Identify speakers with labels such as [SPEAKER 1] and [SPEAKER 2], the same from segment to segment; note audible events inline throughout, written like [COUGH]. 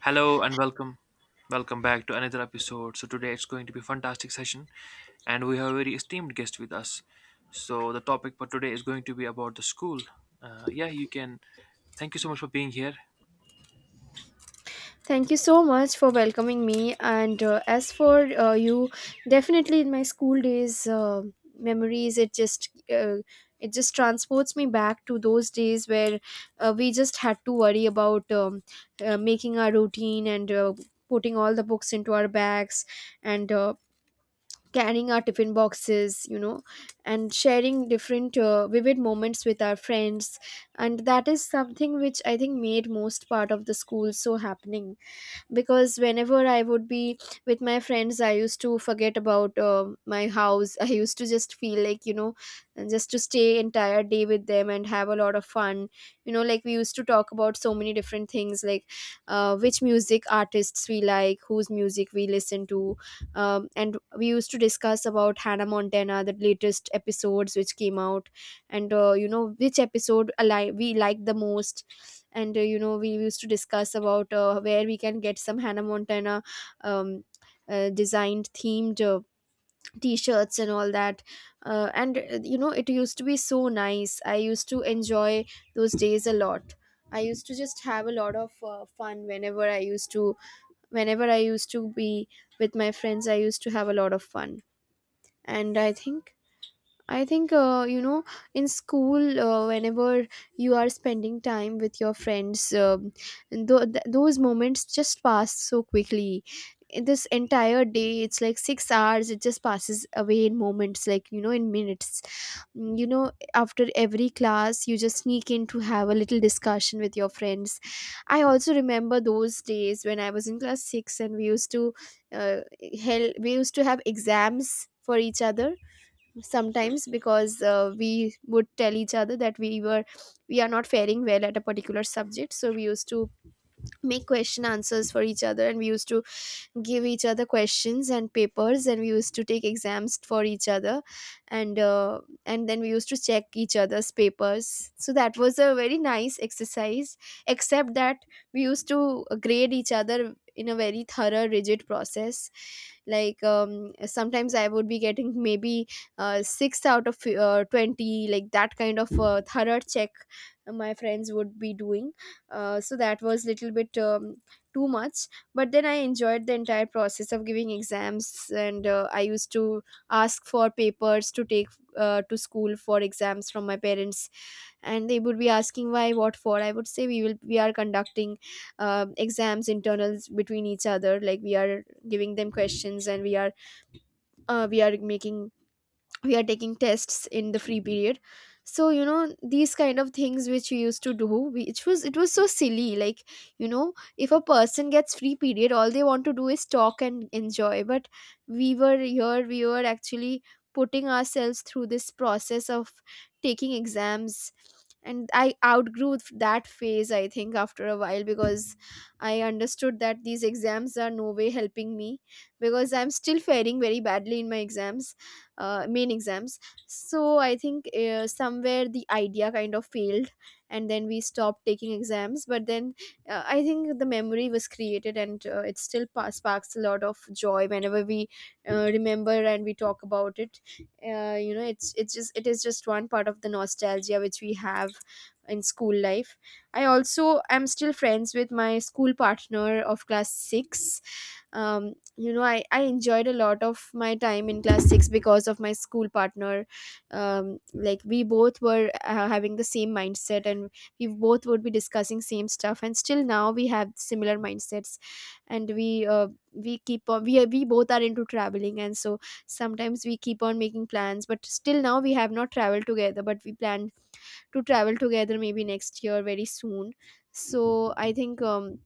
[SPEAKER 1] Hello and welcome. Welcome back to another episode. So today it's going to be a fantastic session and we have a very esteemed guest with us. So the topic for today is going to be about the school. Yeah, you can. Thank you so much for being here.
[SPEAKER 2] Thank you so much for welcoming me. And as for you, definitely in my school days memories, uh, it just transports me back to those days where we just had to worry about making our routine and putting all the books into our bags and. Carrying our tiffin boxes, you know, and sharing different vivid moments with our friends, and that is something which I think made most part of the school so happening. Because whenever I would be with my friends, I used to forget about my house [LAUGHS] I used to just feel like, you know, just to stay entire day with them and have a lot of fun. You know, like, we used to talk about so many different things, like which music artists we like, whose music we listen to. And we used to discuss about Hannah Montana, the latest episodes which came out, and you know, which episode we like the most, and you know, we used to discuss about where we can get some Hannah Montana um, designed themed t-shirts and all that. And You know, it used to be so nice. I used to enjoy those days a lot. I used to just have a lot of fun whenever I used to be with my friends. I used to have a lot of fun. And I think, you know, in school, whenever you are spending time with your friends, those moments just pass so quickly. In This entire day, it's like 6 hours, it just passes away in moments, like, you know, in minutes. You know, after every class, you just sneak in to have a little discussion with your friends. I also remember those days when I was in class six and we used to, uh, we used to have exams for each other sometimes, because we would tell each other that we are not faring well at a particular subject, so we used to make question answers for each other, and we used to give each other questions and papers, and we used to take exams for each other. And then we used to check each other's papers, so that was a very nice exercise, except that we used to grade each other in a very thorough rigid process. Like, sometimes I would be getting maybe 6 out of 20, like that kind of thorough check my friends would be doing. So that was little bit too much, but then I enjoyed the entire process of giving exams. And I used to ask for papers to take to school for exams from my parents, and they would be asking why, what for. I would say we are conducting exams, internals between each other, like we are giving them questions, and we are making we are taking tests in the free period. So you know, these kind of things which we used to do, which was, it was so silly. Like, you know, if a person gets free period, all they want to do is talk and enjoy, but we were here we were actually putting ourselves through this process of taking exams. And I outgrew that phase, I think, after a while, because I understood that these exams are no way helping me, because I'm still faring very badly in my exams, main exams. So I think somewhere the idea kind of failed, and then we stopped taking exams. But then I think the memory was created, and it still sparks a lot of joy whenever we remember and we talk about it. You know, it is just one part of the nostalgia which we have in school life. I also am still friends with my school partner of class 6. You know, I enjoyed a lot of my time in class 6 because of my school partner. Like, we both were having the same mindset, and we both would be discussing same stuff, and still now we have similar mindsets. And we keep on we, are- we both are into traveling, and so sometimes we keep on making plans, but still now we have not traveled together, but we plan to travel together maybe next year, very soon. So I think,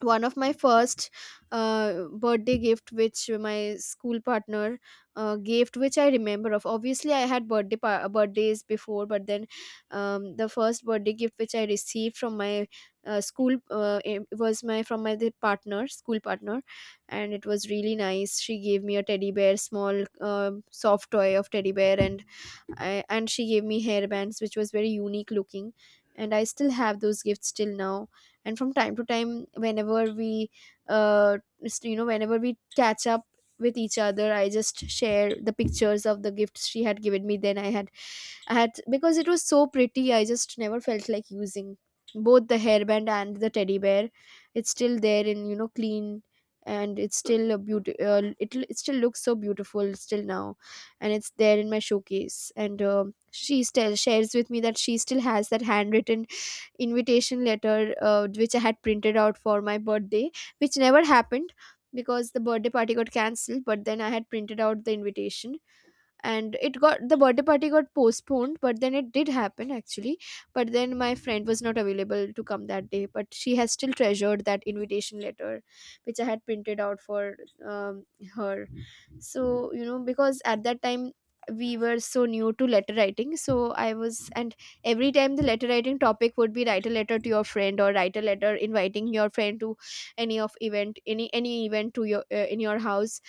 [SPEAKER 2] one of my first uh, birthday gift which my school partner gave, which I remember of. Obviously I had birthdays before, but then the first birthday gift which I received from my school it was my from my the partner school partner, and it was really nice. She gave me a teddy bear, small, um, soft toy of teddy bear, and and she gave me hairbands which was very unique looking, and I still have those gifts till now. And from time to time whenever we you know, whenever we catch up with each other, I just share the pictures of the gifts she had given me. Then I had, because it was so pretty, I just never felt like using both the hairband and the teddy bear. It's still there, and, you know, clean, and it's still a beauty. It it still looks so beautiful still now, and it's there in my showcase. And, um, she still shares with me that she still has that handwritten invitation letter which I had printed out for my birthday, which never happened, because the birthday party got cancelled. But then I had printed out the invitation, and it got the birthday party got postponed, but then it did happen actually. But then my friend was not available to come that day, but she has still treasured that invitation letter which I had printed out for, um, her. So, you know, because at that time we were so new to letter writing. So I was and every time the letter writing topic would be write a letter to your friend, or write a letter inviting your friend to any event to your in your house.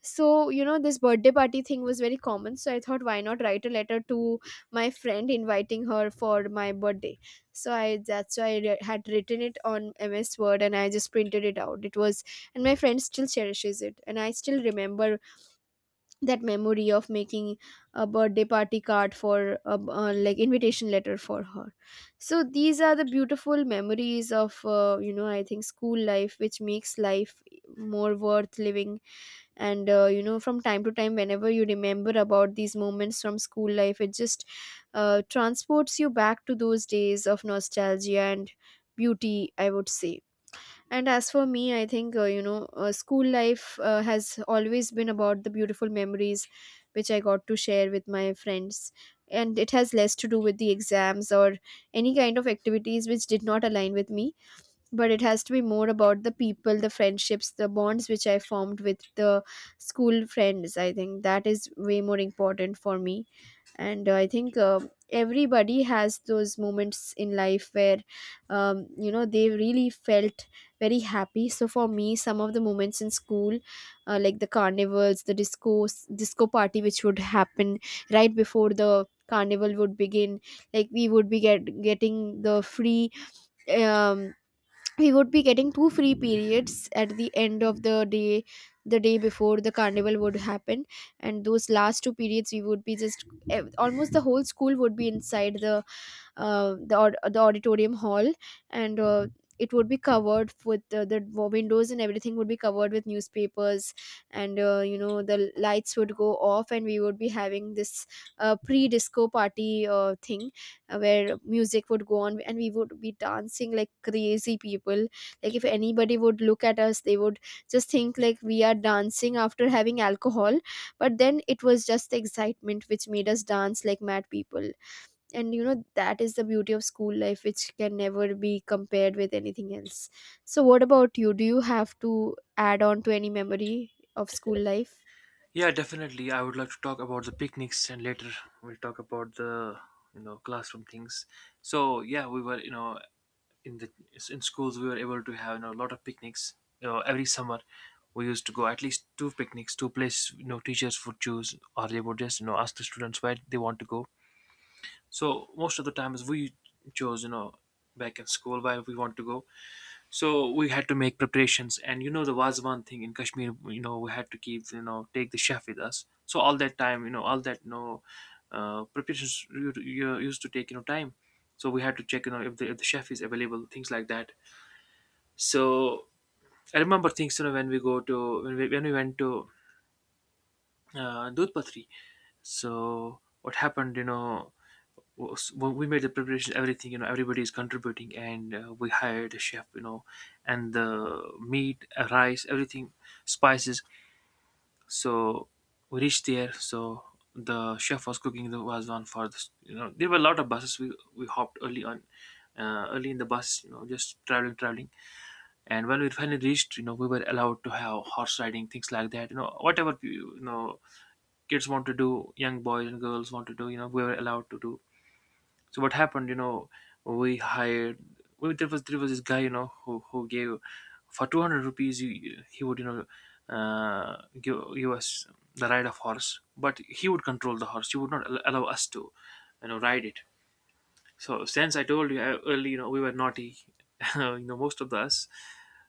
[SPEAKER 2] So you know, this birthday party thing was very common, so I thought, why not write a letter to my friend inviting her for my birthday. So I that's why I re- had written it on MS Word, and I just printed it out. It was and My friend still cherishes it, and I still remember that memory of making a birthday party card for a, like, invitation letter for her. So these are the beautiful memories of, you know, I think, school life, which makes life more worth living. And you know, from time to time whenever you remember about these moments from school life, it just transports you back to those days of nostalgia and beauty, I would say. And as for me, I think you know, school life has always been about the beautiful memories which I got to share with my friends. And it has less to do with the exams or any kind of activities which did not align with me, but it has to be more about the people, the friendships, the bonds which I formed with the school friends. I think that is way more important for me. And I think everybody has those moments in life where, you know, they really felt very happy. So for me, some of the moments in school, like the carnivals, the disco party which would happen right before the carnival would begin. Like, we would be getting the free, um we would be getting 2 free periods at the end of the day, the day before the carnival would happen. And those last two periods, we would be just almost the whole school would be inside the, the auditorium hall, and it would be covered with, windows and everything would be covered with newspapers, and, you know, the lights would go off, and we would be having this pre-disco party thing, where music would go on, and we would be dancing like crazy people. Like if anybody would look at us, they would just think like we are dancing after having alcohol, but then it was just the excitement which made us dance like mad people. And you know that is the beauty of school life which can never be compared with anything else. So what about you? Do you have to add on to any memory of school life?
[SPEAKER 1] Yeah, definitely. I would like to talk about the picnics, and later we'll talk about the, you know, classroom things. So yeah, we were, you know, in the in schools we were able to have, you know, a lot of picnics, you know, every summer. We used to go at least two picnics, two places. You know, teachers would choose, or they would just, you know, ask the students where they want to go. So most of the times we chose, you know, back in school where we want to go. So we had to make preparations, and you know, the was one thing in Kashmir, you know, we had to keep, you know, take the chef with us. So all that time, you know, all that, preparations you used to take, you know, time. So we had to check, you know, if if the chef is available, things like that. So I remember things, you know, when we go to when we went to Dudhpatri. So what happened, you know, was, well, we made the preparation, everything, you know, everybody is contributing, and we hired a chef, you know, and the meat, rice, everything, spices. So we reached there. So the chef was cooking. There was one for this, you know, there were a lot of buses. We hopped early on, early in the bus, you know, just traveling, traveling. And when we finally reached, you know, we were allowed to have horse riding, things like that. You know, whatever, you know, kids want to do, young boys and girls want to do, you know, we were allowed to do. So what happened, you know, we hired, there was this guy, you know, who gave for 200 rupees. He would, you know, give us the ride of horse, but he would control the horse. He would not allow us to, you know, ride it. So since I told you early, you know, we were naughty, [LAUGHS] you know, most of us.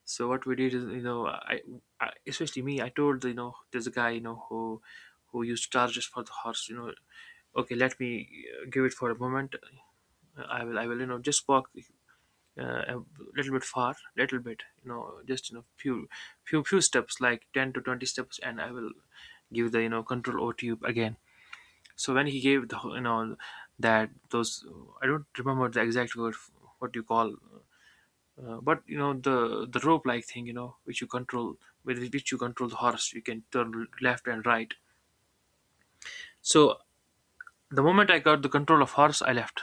[SPEAKER 1] So what we did is, you know, I especially me, I told, you know, there's a guy, you know, who used charges for the horse, you know, okay, let me give it for a moment. I will, you know, just walk a little bit far, little bit, you know, just, you know, few steps, like 10 to 20 steps, and I will give the, you know, control over to you again. So when he gave the, you know, that those, I don't remember the exact word, what you call, but you know the rope like thing, you know, which you control, with which you control the horse. You can turn left and right. So the moment I got the control of horse, I left.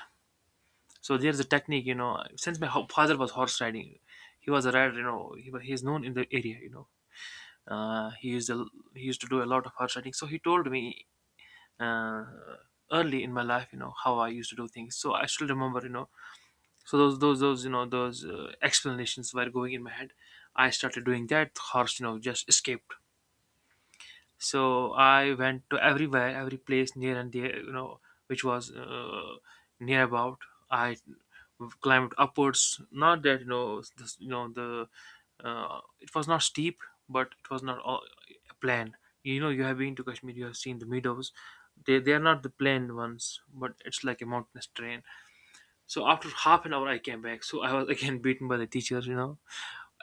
[SPEAKER 1] So there's a technique, you know, since my father was horse riding, he was a rider. You know, he is known in the area, you know. He used a, he used to do a lot of horse riding. So he told me uh, early in my life, you know, how I used to do things. So I still remember, you know, so those, you know, those explanations were going in my head. I started doing that horse, you know, just escaped. So I went to everywhere, every place near and there, you know, which was near about. I climbed upwards, not that, you know, you know, the it was not steep, but it was not all plain. You know, you have been to Kashmir, you have seen the meadows. They are not the plain ones, but it's like a mountainous terrain. So after half an hour, I came back. So I was again beaten by the teacher. You know,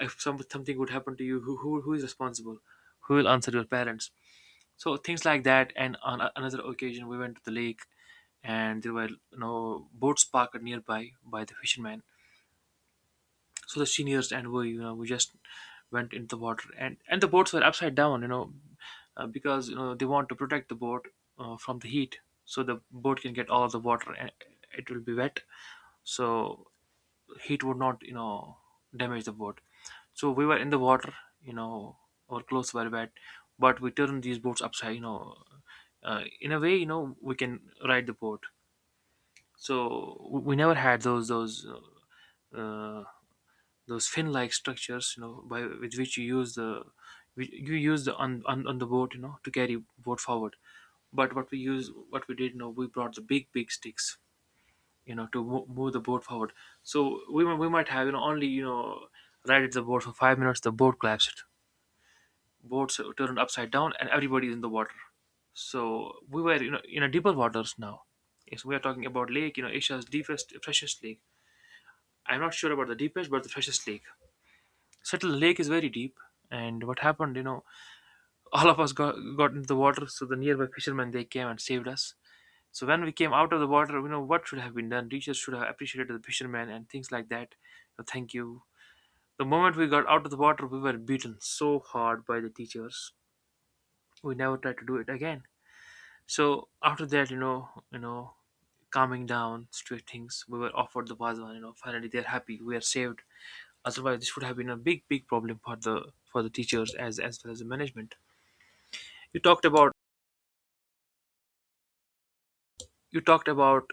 [SPEAKER 1] if something would happen to you, who is responsible? Who will answer your parents? So things like that. And on another occasion, we went to the lake, and there were, you know, boats parked nearby by the fishermen. So the seniors and we, you know, we just went into the water, and the boats were upside down. You know, because you know they want to protect the boat from the heat, so the boat can get all the water and it will be wet. So heat would not, you know, damage the boat. So we were in the water, you know, our clothes were wet, but we turned these boats upside, you know, in a way, you know, we can ride the boat. So we never had those uh, those fin like structures, you know, by with which you use the, you use the on, on the boat, you know, to carry boat forward. But what we did, you know, we brought the big big sticks, you know, to move the boat forward. So we might have, you know, only, you know, ride the boat for 5 minutes. The boat collapsed, boats turned upside down, and everybody is in the water. So we were, you know, in a deeper waters now. Yes, we are talking about lake, you know, Asia's deepest, freshest lake. I'm not sure about the deepest, but the freshest lake. Settle lake is very deep. And what happened, you know, all of us got into the water, so the nearby fishermen they came and saved us. So when we came out of the water, you know what should have been done. Teachers should have appreciated the fishermen and things like that. You know, thank you. The moment we got out of the water, we were beaten so hard by the teachers. We never tried to do it again. So after that, you know, calming down, straight things. We were offered the Vazwan, you know, finally they're happy, we are saved. Otherwise this would have been a big, big problem for the teachers as well as the management. You talked about you talked about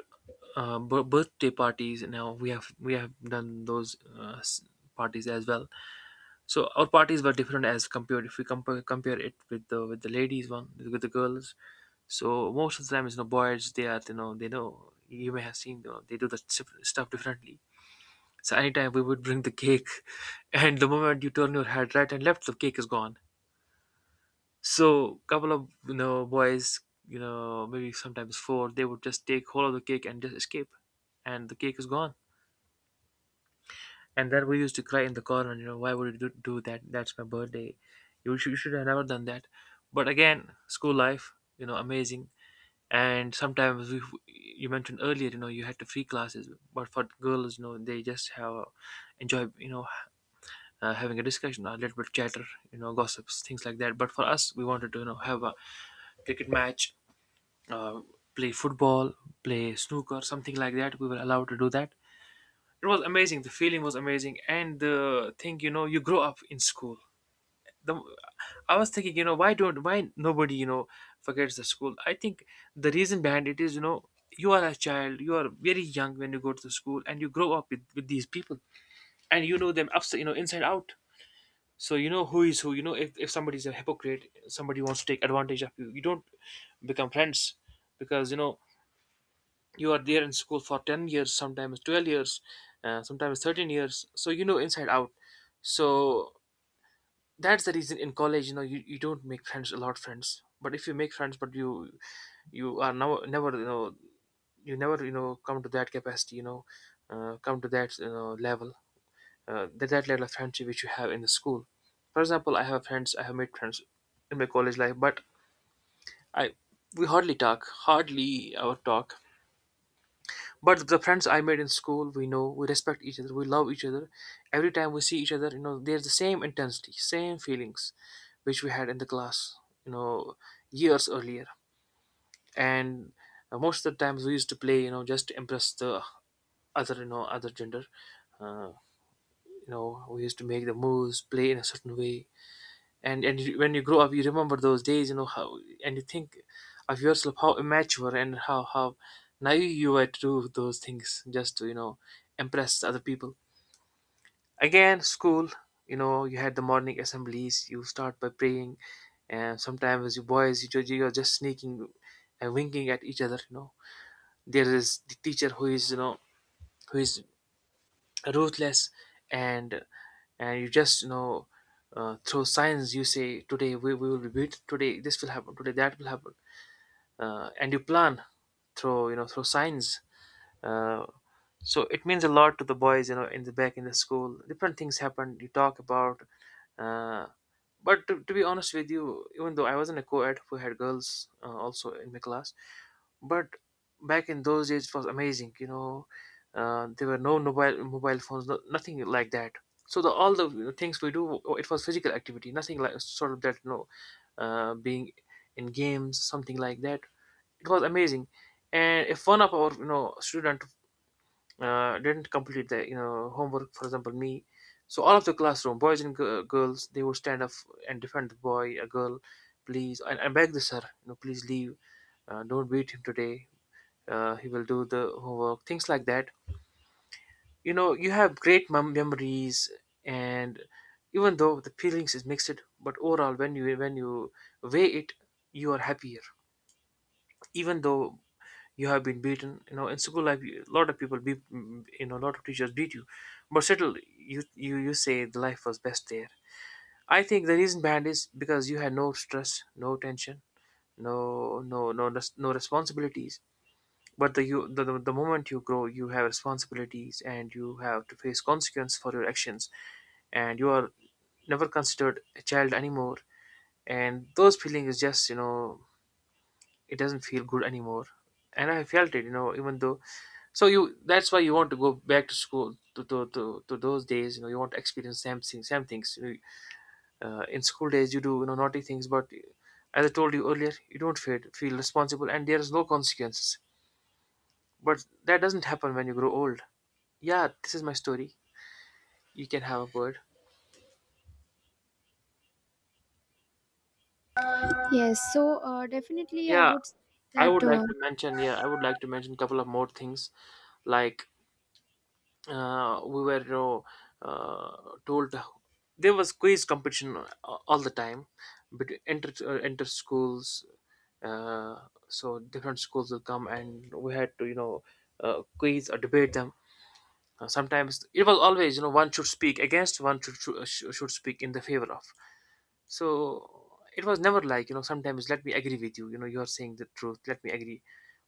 [SPEAKER 1] birthday parties. Now we have done those parties as well. So our parties were different as compared if we compare it with the ladies one, with the girls. So most of the time, you know, boys they are, you know, they know, you may have seen, you know, they do the stuff differently. So anytime we would bring the cake, [LAUGHS] and the moment you turn your head right and left, the cake is gone. So couple of, you know, boys, you know, maybe sometimes four, they would just take hold of the cake and just escape, and the cake is gone. And then we used to cry in the corner. You know, why would you do that? That's my birthday. You should have never done that. But again, school life, you know, amazing. And sometimes we, you mentioned earlier, you know, you had to free classes. But for girls, you know, they just have enjoy, you know, having a discussion, a little bit chatter, you know, gossips, things like that. But for us, we wanted to, you know, have a cricket match, uh, play football, play snooker, something like that. We were allowed to do that. It was amazing. The feeling was amazing, and the thing, you know, you grow up in school. The, I was thinking, you know, why don't why nobody, you know, forgets the school? I think the reason behind it is, you know, you are a child, you are very young when you go to the school, and you grow up with these people, and you know them upside, you know, inside out. So you know who is who. You know, if somebody's a hypocrite, somebody wants to take advantage of you. You don't become friends because you know you are there in school for 10 years, sometimes 12 years, sometimes 13 years, so you know inside out. So that's the reason in college, you know, you don't make friends, a lot of friends, but if you make friends, but you are now never, you know, you never, you know, come to that capacity, you know, come to that, you know, level, that level of friendship which you have in the school. For example, I have friends, I have made friends in my college life, but I, we hardly talk, hardly our talk. But the friends I made in school, we know, we respect each other, we love each other. Every time we see each other, you know, there's the same intensity, same feelings which we had in the class, you know, years earlier. And most of the times we used to play, you know, just to impress the other, you know, other gender. uh, you know, we used to make the moves, play in a certain way. And when you grow up you remember those days, you know how, and you think of yourself how immature and how naive you were to do those things just to, you know, impress other people. Again, school, you know, you had the morning assemblies, you start by praying, and sometimes you boys you, you're just sneaking and winking at each other, you know. There is the teacher who is, you know, who is ruthless. and and you just, you know, through science you say today we will be beat, today this will happen, today that will happen, and you plan through, you know, through science. uh, so it means a lot to the boys, you know, in the back in the school different things happen, you talk about, uh, but to be honest with you, even though I was not a co-ed, we had girls also in my class, but back in those days it was amazing. You know, there were no mobile phones, no, nothing like that. So the all the, you know, things we do, it was physical activity, nothing like sort of that. You know, being in games, something like that. It was amazing. And if one of our, you know, student didn't complete the, you know, homework, for example me, so all of the classroom boys and girls, they would stand up and defend the boy, a girl, please, and beg the sir, you know, please leave, don't beat him today, he will do the homework, things like that. You know, you have great memories, and even though the feelings is mixed, but overall when you weigh it, you are happier. Even though you have been beaten, you know, in school life, a lot of people beat, you know, a lot of teachers beat you, but still you, you you say the life was best there. I think the reason behind is because you had no stress, no tension, no, no, no responsibilities. But the you the moment you grow, you have responsibilities and you have to face consequence for your actions, and you are never considered a child anymore. And those feeling is just, you know, it doesn't feel good anymore. And I felt it, you know, even though. So you, that's why you want to go back to school, to to those days, you know, you want to experience same things, same things, you know, in school days you do, you know, naughty things, but as I told you earlier, you don't feel responsible and there's no consequences. But that doesn't happen when you grow old. Yeah, this is my story. You can have a word.
[SPEAKER 2] Yes, so definitely I
[SPEAKER 1] Yeah,
[SPEAKER 2] would say
[SPEAKER 1] I
[SPEAKER 2] that
[SPEAKER 1] would like to mention, yeah, I would like to mention a couple of more things, like we were told there was quiz competition all the time, but enter enter schools, uh, so different schools will come and we had to, you know, quiz or debate them. Sometimes it was always, you know, one should speak against, one should speak in the favor of. So it was never like, you know, sometimes let me agree with you, you know, you are saying the truth, let me agree.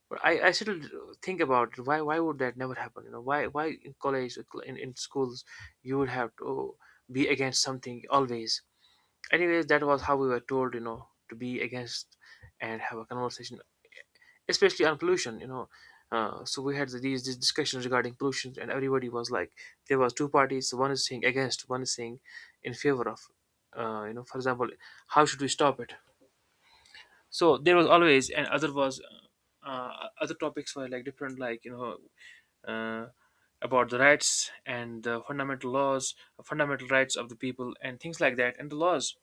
[SPEAKER 1] But I still think about, why would that never happen? You know, why in college, like, in schools you would have to be against something always. Anyways, that was how we were told, you know, to be against and have a conversation, especially on pollution. You know, so we had these discussions regarding pollution, and everybody was like, there was two parties. One is saying against, one is saying in favor of. You know, for example, how should we stop it? So there was always, and other was other topics were like different, like, you know, uh, about the rights and the fundamental laws, fundamental rights of the people and things like that and the laws.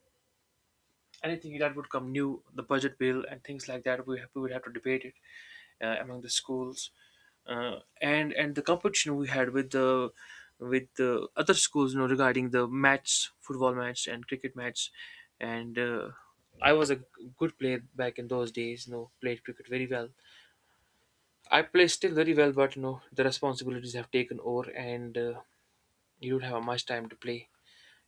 [SPEAKER 1] Anything that would come new, the budget bill and things like that, we, have, we would have to debate it among the schools, and the competition we had with the other schools, you know, regarding the match, football match and cricket match. And I was a good player back in those days, you know, played cricket very well. I play still very well, but you know the responsibilities have taken over, and you don't have much time to play,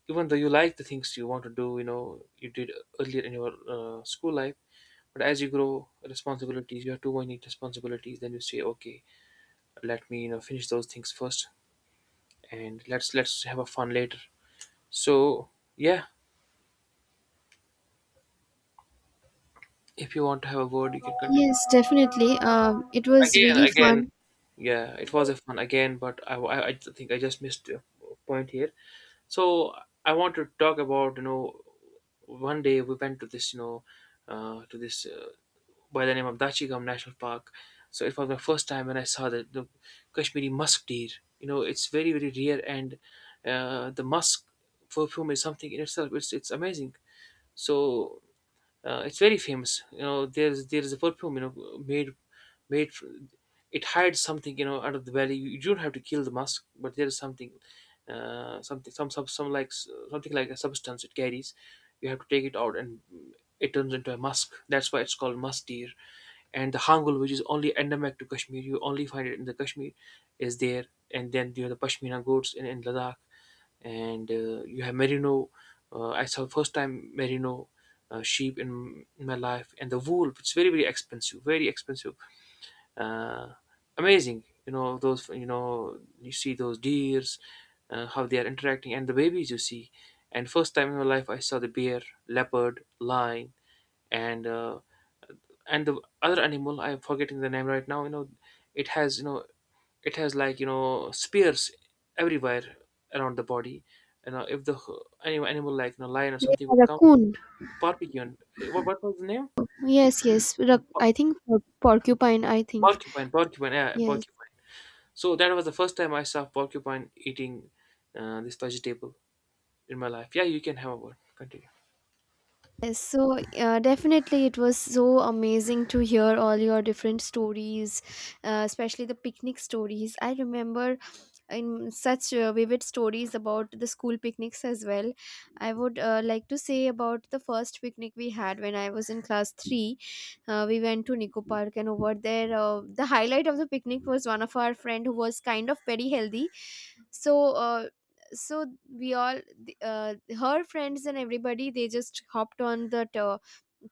[SPEAKER 1] even though you like the things you want to do, you know you did earlier in your school life. But as you grow responsibilities, you have too many responsibilities, then you say okay, let me, you know, finish those things first, and let's have a fun later. So yeah, if you want to have a word, you can continue.
[SPEAKER 2] yes, definitely, it was
[SPEAKER 1] Again,
[SPEAKER 2] really
[SPEAKER 1] again,
[SPEAKER 2] fun.
[SPEAKER 1] yeah, it was a fun again, but I think I just missed a point here. So I want to talk about, you know, one day we went to this, you know, to this by the name of Dachigam National Park. So it was my first time when I saw the Kashmiri musk deer. You know, it's very very rare, and the musk perfume is something in itself. It's amazing. So it's very famous. You know, there's there is a perfume, you know, made made it hides something, you know, out of the valley. You don't have to kill the musk, but there is something, something something like a substance it carries. You have to take it out, and it turns into a musk. That's why it's called musk deer. And the hangul, which is only endemic to Kashmir, you only find it in the Kashmir, is there. And then you know the Pashmina goats in Ladakh, and you have merino. I saw first time merino sheep in my life, and the wool, it's very very expensive, very expensive. Uh, amazing, you know those. You know you see those deers, how they are interacting, and the babies you see. And first time in my life, I saw the bear, leopard, lion, and uh, and the other animal, I'm forgetting the name right now. You know, it has, you know, it has like, you know, spears everywhere around the body, you know, if the animal like, you know, lion or something
[SPEAKER 2] A
[SPEAKER 1] would come.
[SPEAKER 2] raccoon?
[SPEAKER 1] Porcupine, what was the name?
[SPEAKER 2] Yes, yes, I
[SPEAKER 1] Por-
[SPEAKER 2] think porcupine, I think.
[SPEAKER 1] Porcupine, porcupine, yeah,
[SPEAKER 2] Yes.
[SPEAKER 1] porcupine. So that was the first time I saw porcupine eating this vegetable in my life. Yeah, you can have a word, continue.
[SPEAKER 2] Yes, so definitely it was so amazing to hear all your different stories, especially the picnic stories. I remember in such vivid stories about the school picnics as well. I would like to say about the first picnic we had when I was in class 3. We went to Nico Park, and over there, the highlight of the picnic was one of our friend who was kind of very healthy. So, so we all, her friends and everybody, they just hopped on that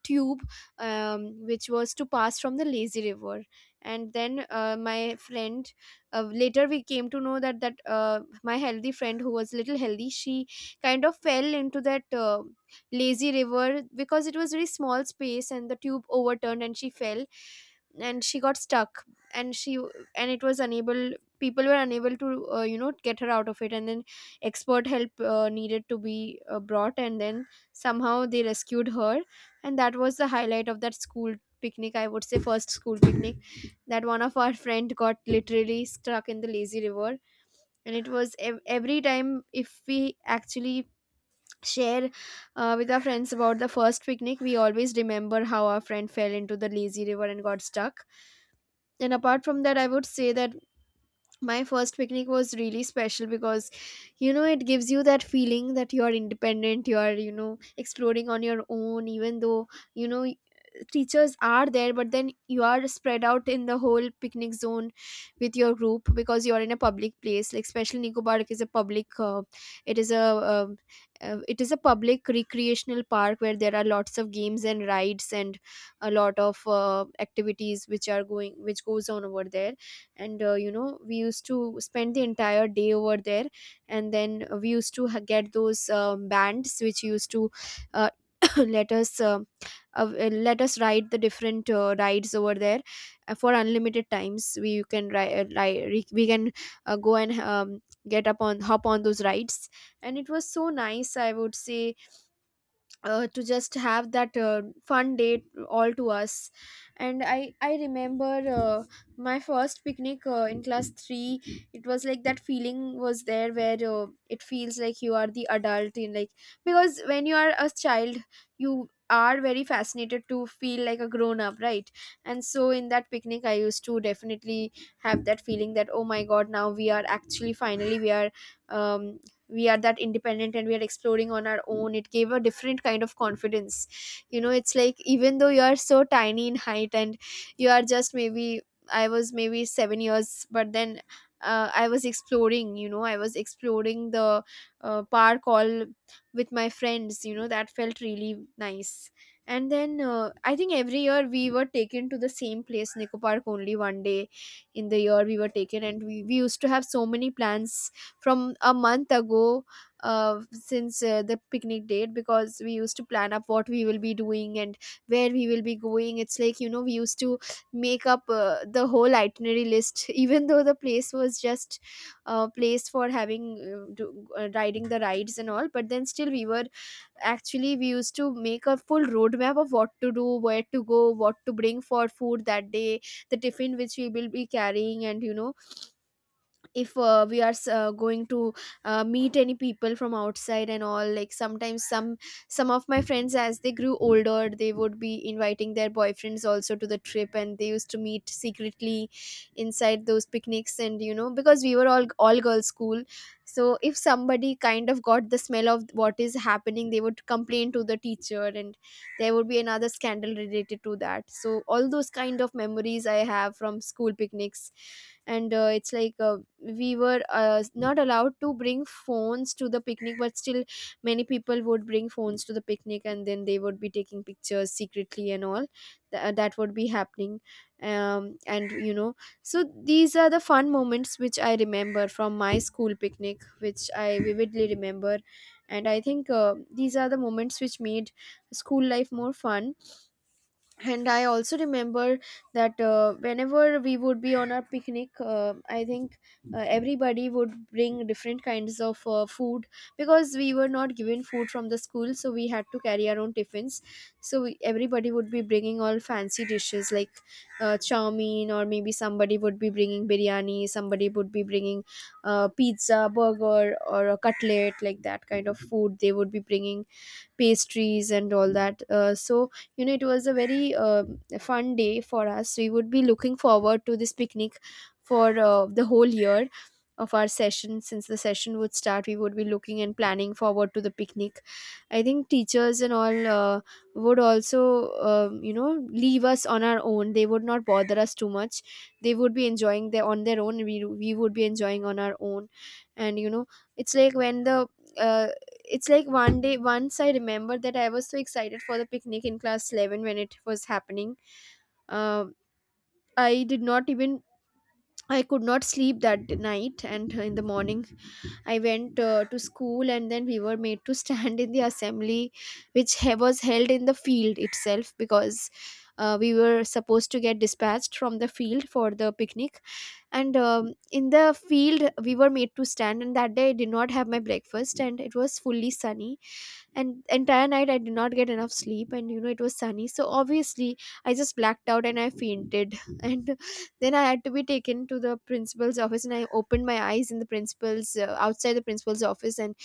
[SPEAKER 2] tube, which was to pass from the lazy river. And then my friend, later we came to know that my healthy friend who was little healthy, she kind of fell into that lazy river because it was very small space and the tube overturned, and she fell and she got stuck. And she and it was unable, people were unable to you know, get her out of it. And then expert help needed to be brought, and then somehow they rescued her. And that was the highlight of that school picnic, I would say, first school picnic, that one of our friend got literally stuck in the lazy river. And it was every time if we actually share with our friends about the first picnic, we always remember how our friend fell into the lazy river and got stuck. And apart from that, I would say that my first picnic was really special because you know, it gives you that feeling that you are independent, you are, you know, exploring on your own, even though, you know, teachers are there, but then you are spread out in the whole picnic zone with your group, because you are in a public place. Like special Nico Park is a public it is a um, it is a public recreational park where there are lots of games and rides and a lot of activities which are going, which goes on over there. And you know, we used to spend the entire day over there, and then we used to get those bands which used to uh, [COUGHS] [CLEARS THROAT] let us uh, let us ride the different rides over there for unlimited times. We can ride, we can go and get up on, hop on those rides. And it was so nice, I would say, to just have that fun day all to us. And I remember uh, my first picnic in class 3, it was like that feeling was there where it feels like you are the adult in, like, because when you are a child, you are very fascinated to feel like a grown up, right? And so in that picnic, I used to definitely have that feeling that, oh my god, now we are actually finally um we are that independent and we are exploring on our own. It gave a different kind of confidence. You know, it's like even though you are so tiny in height and you are just maybe, I was maybe 7 years, but then I was exploring. You know, I was exploring the park all with my friends. You know, that felt really nice. And then I think every year we were taken to the same place, Nico Park, only one day in the year we were taken. And we used to have so many plans from a month ago, since the picnic date, because we used to plan up what we will be doing and where we will be going. It's like, you know, we used to make up the whole itinerary list [LAUGHS] even though the place was just a place for having riding the rides and all, but then still we were actually, we used to make a full roadmap of what to do, where to go, what to bring for food that day, the tiffin which we will be carrying. And you know, if we are going to meet any people from outside and all, like sometimes some of my friends, as they grew older, they would be inviting their boyfriends also to the trip, and they used to meet secretly inside those picnics. And you know, because we were all girls school, so if somebody kind of got the smell of what is happening, they would complain to the teacher, and there would be another scandal related to that. So all those kind of memories I have from school picnics. And it's like we were not allowed to bring phones to the picnic, but still many people would bring phones to the picnic, and then they would be taking pictures secretly and all. That would be happening. And you know, so these are the fun moments which I remember from my school picnic which I vividly remember. And I think these are the moments which made school life more fun. And I also remember that whenever we would be on our picnic, I think everybody would bring different kinds of food, because we were not given food from the school, so we had to carry our own tiffins. So everybody would be bringing all fancy dishes like chow mein, or maybe somebody would be bringing biryani, somebody would be bringing pizza, burger, or a cutlet, like that kind of food they would be bringing, pastries and all that. So you know, it was a very fun day for us. We would be looking forward to this picnic for the whole year. Of our session, since the session would start, we would be looking and planning forward to the picnic. I think teachers and all would also, you know, leave us on our own. They would not bother us too much. They would be enjoying their on their own, we would be enjoying on our own. And you know, it's like when the uh, it's like one day, once I remember that I was so excited for the picnic in class 11 when it was happening. um, I did not even, I could not sleep that night. And in the morning, I went to school, and then we were made to [LAUGHS] stand in the assembly which was held in the field itself because we were supposed to get dispatched from the field for the picnic. And in the field, we were made to stand, and that day I did not have my breakfast, and it was fully sunny, and entire night I did not get enough sleep. And you know, it was sunny, so obviously I just blacked out and I fainted [LAUGHS] and then I had to be taken to the principal's office, and I opened my eyes in the principal's, outside the principal's office. And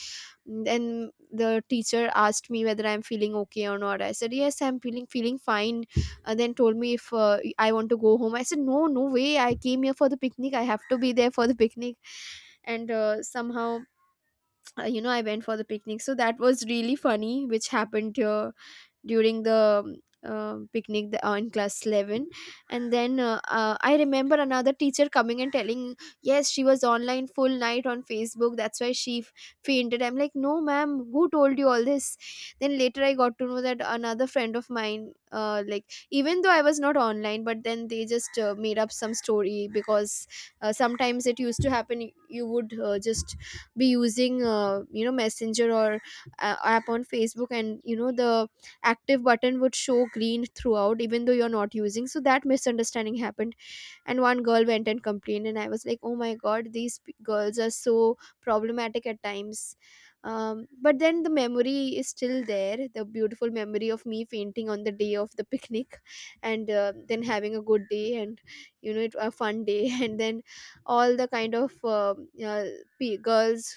[SPEAKER 2] then the teacher asked me whether I'm feeling okay or not. I said, yes, I'm feeling fine. Uh, then told me if I want to go home. I said, no, no way, I came here for the picnic, I have to be there for the picnic. And somehow you know, I went for the picnic. So that was really funny, which happened here during the picnic, in class 11. And then I remember another teacher coming and telling, yes, she was online full night on Facebook, that's why she fainted. I'm like, no, ma'am, who told you all this? Then later I got to know that another friend of mine like, even though I was not online, but then they just made up some story, because sometimes it used to happen, you would just be using you know, messenger or app on Facebook, and you know, the active button would show green throughout, even though you're not using. So that misunderstanding happened, and one girl went and complained, and I was like, oh my god, these girls are so problematic at times. Um, but then the memory is still there, the beautiful memory of me fainting on the day of the picnic [LAUGHS] and then having a good day. And you know, it a fun day [LAUGHS] and then all the kind of girls,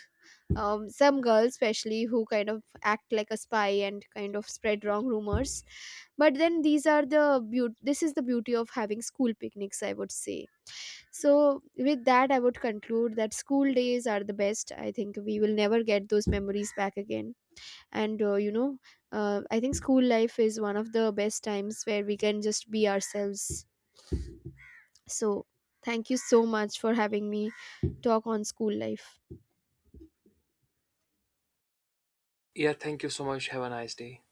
[SPEAKER 2] some girls especially who kind of act like a spy and kind of spread wrong rumors. But then these are the beaut this is the beauty of having school picnics, I would say. So with that, I would conclude that school days are the best. I think we will never get those memories back again. And you know, I think school life is one of the best times where we can just be ourselves. So thank you so much for having me talk on school life.
[SPEAKER 1] Yeah, thank you so much, have a nice day.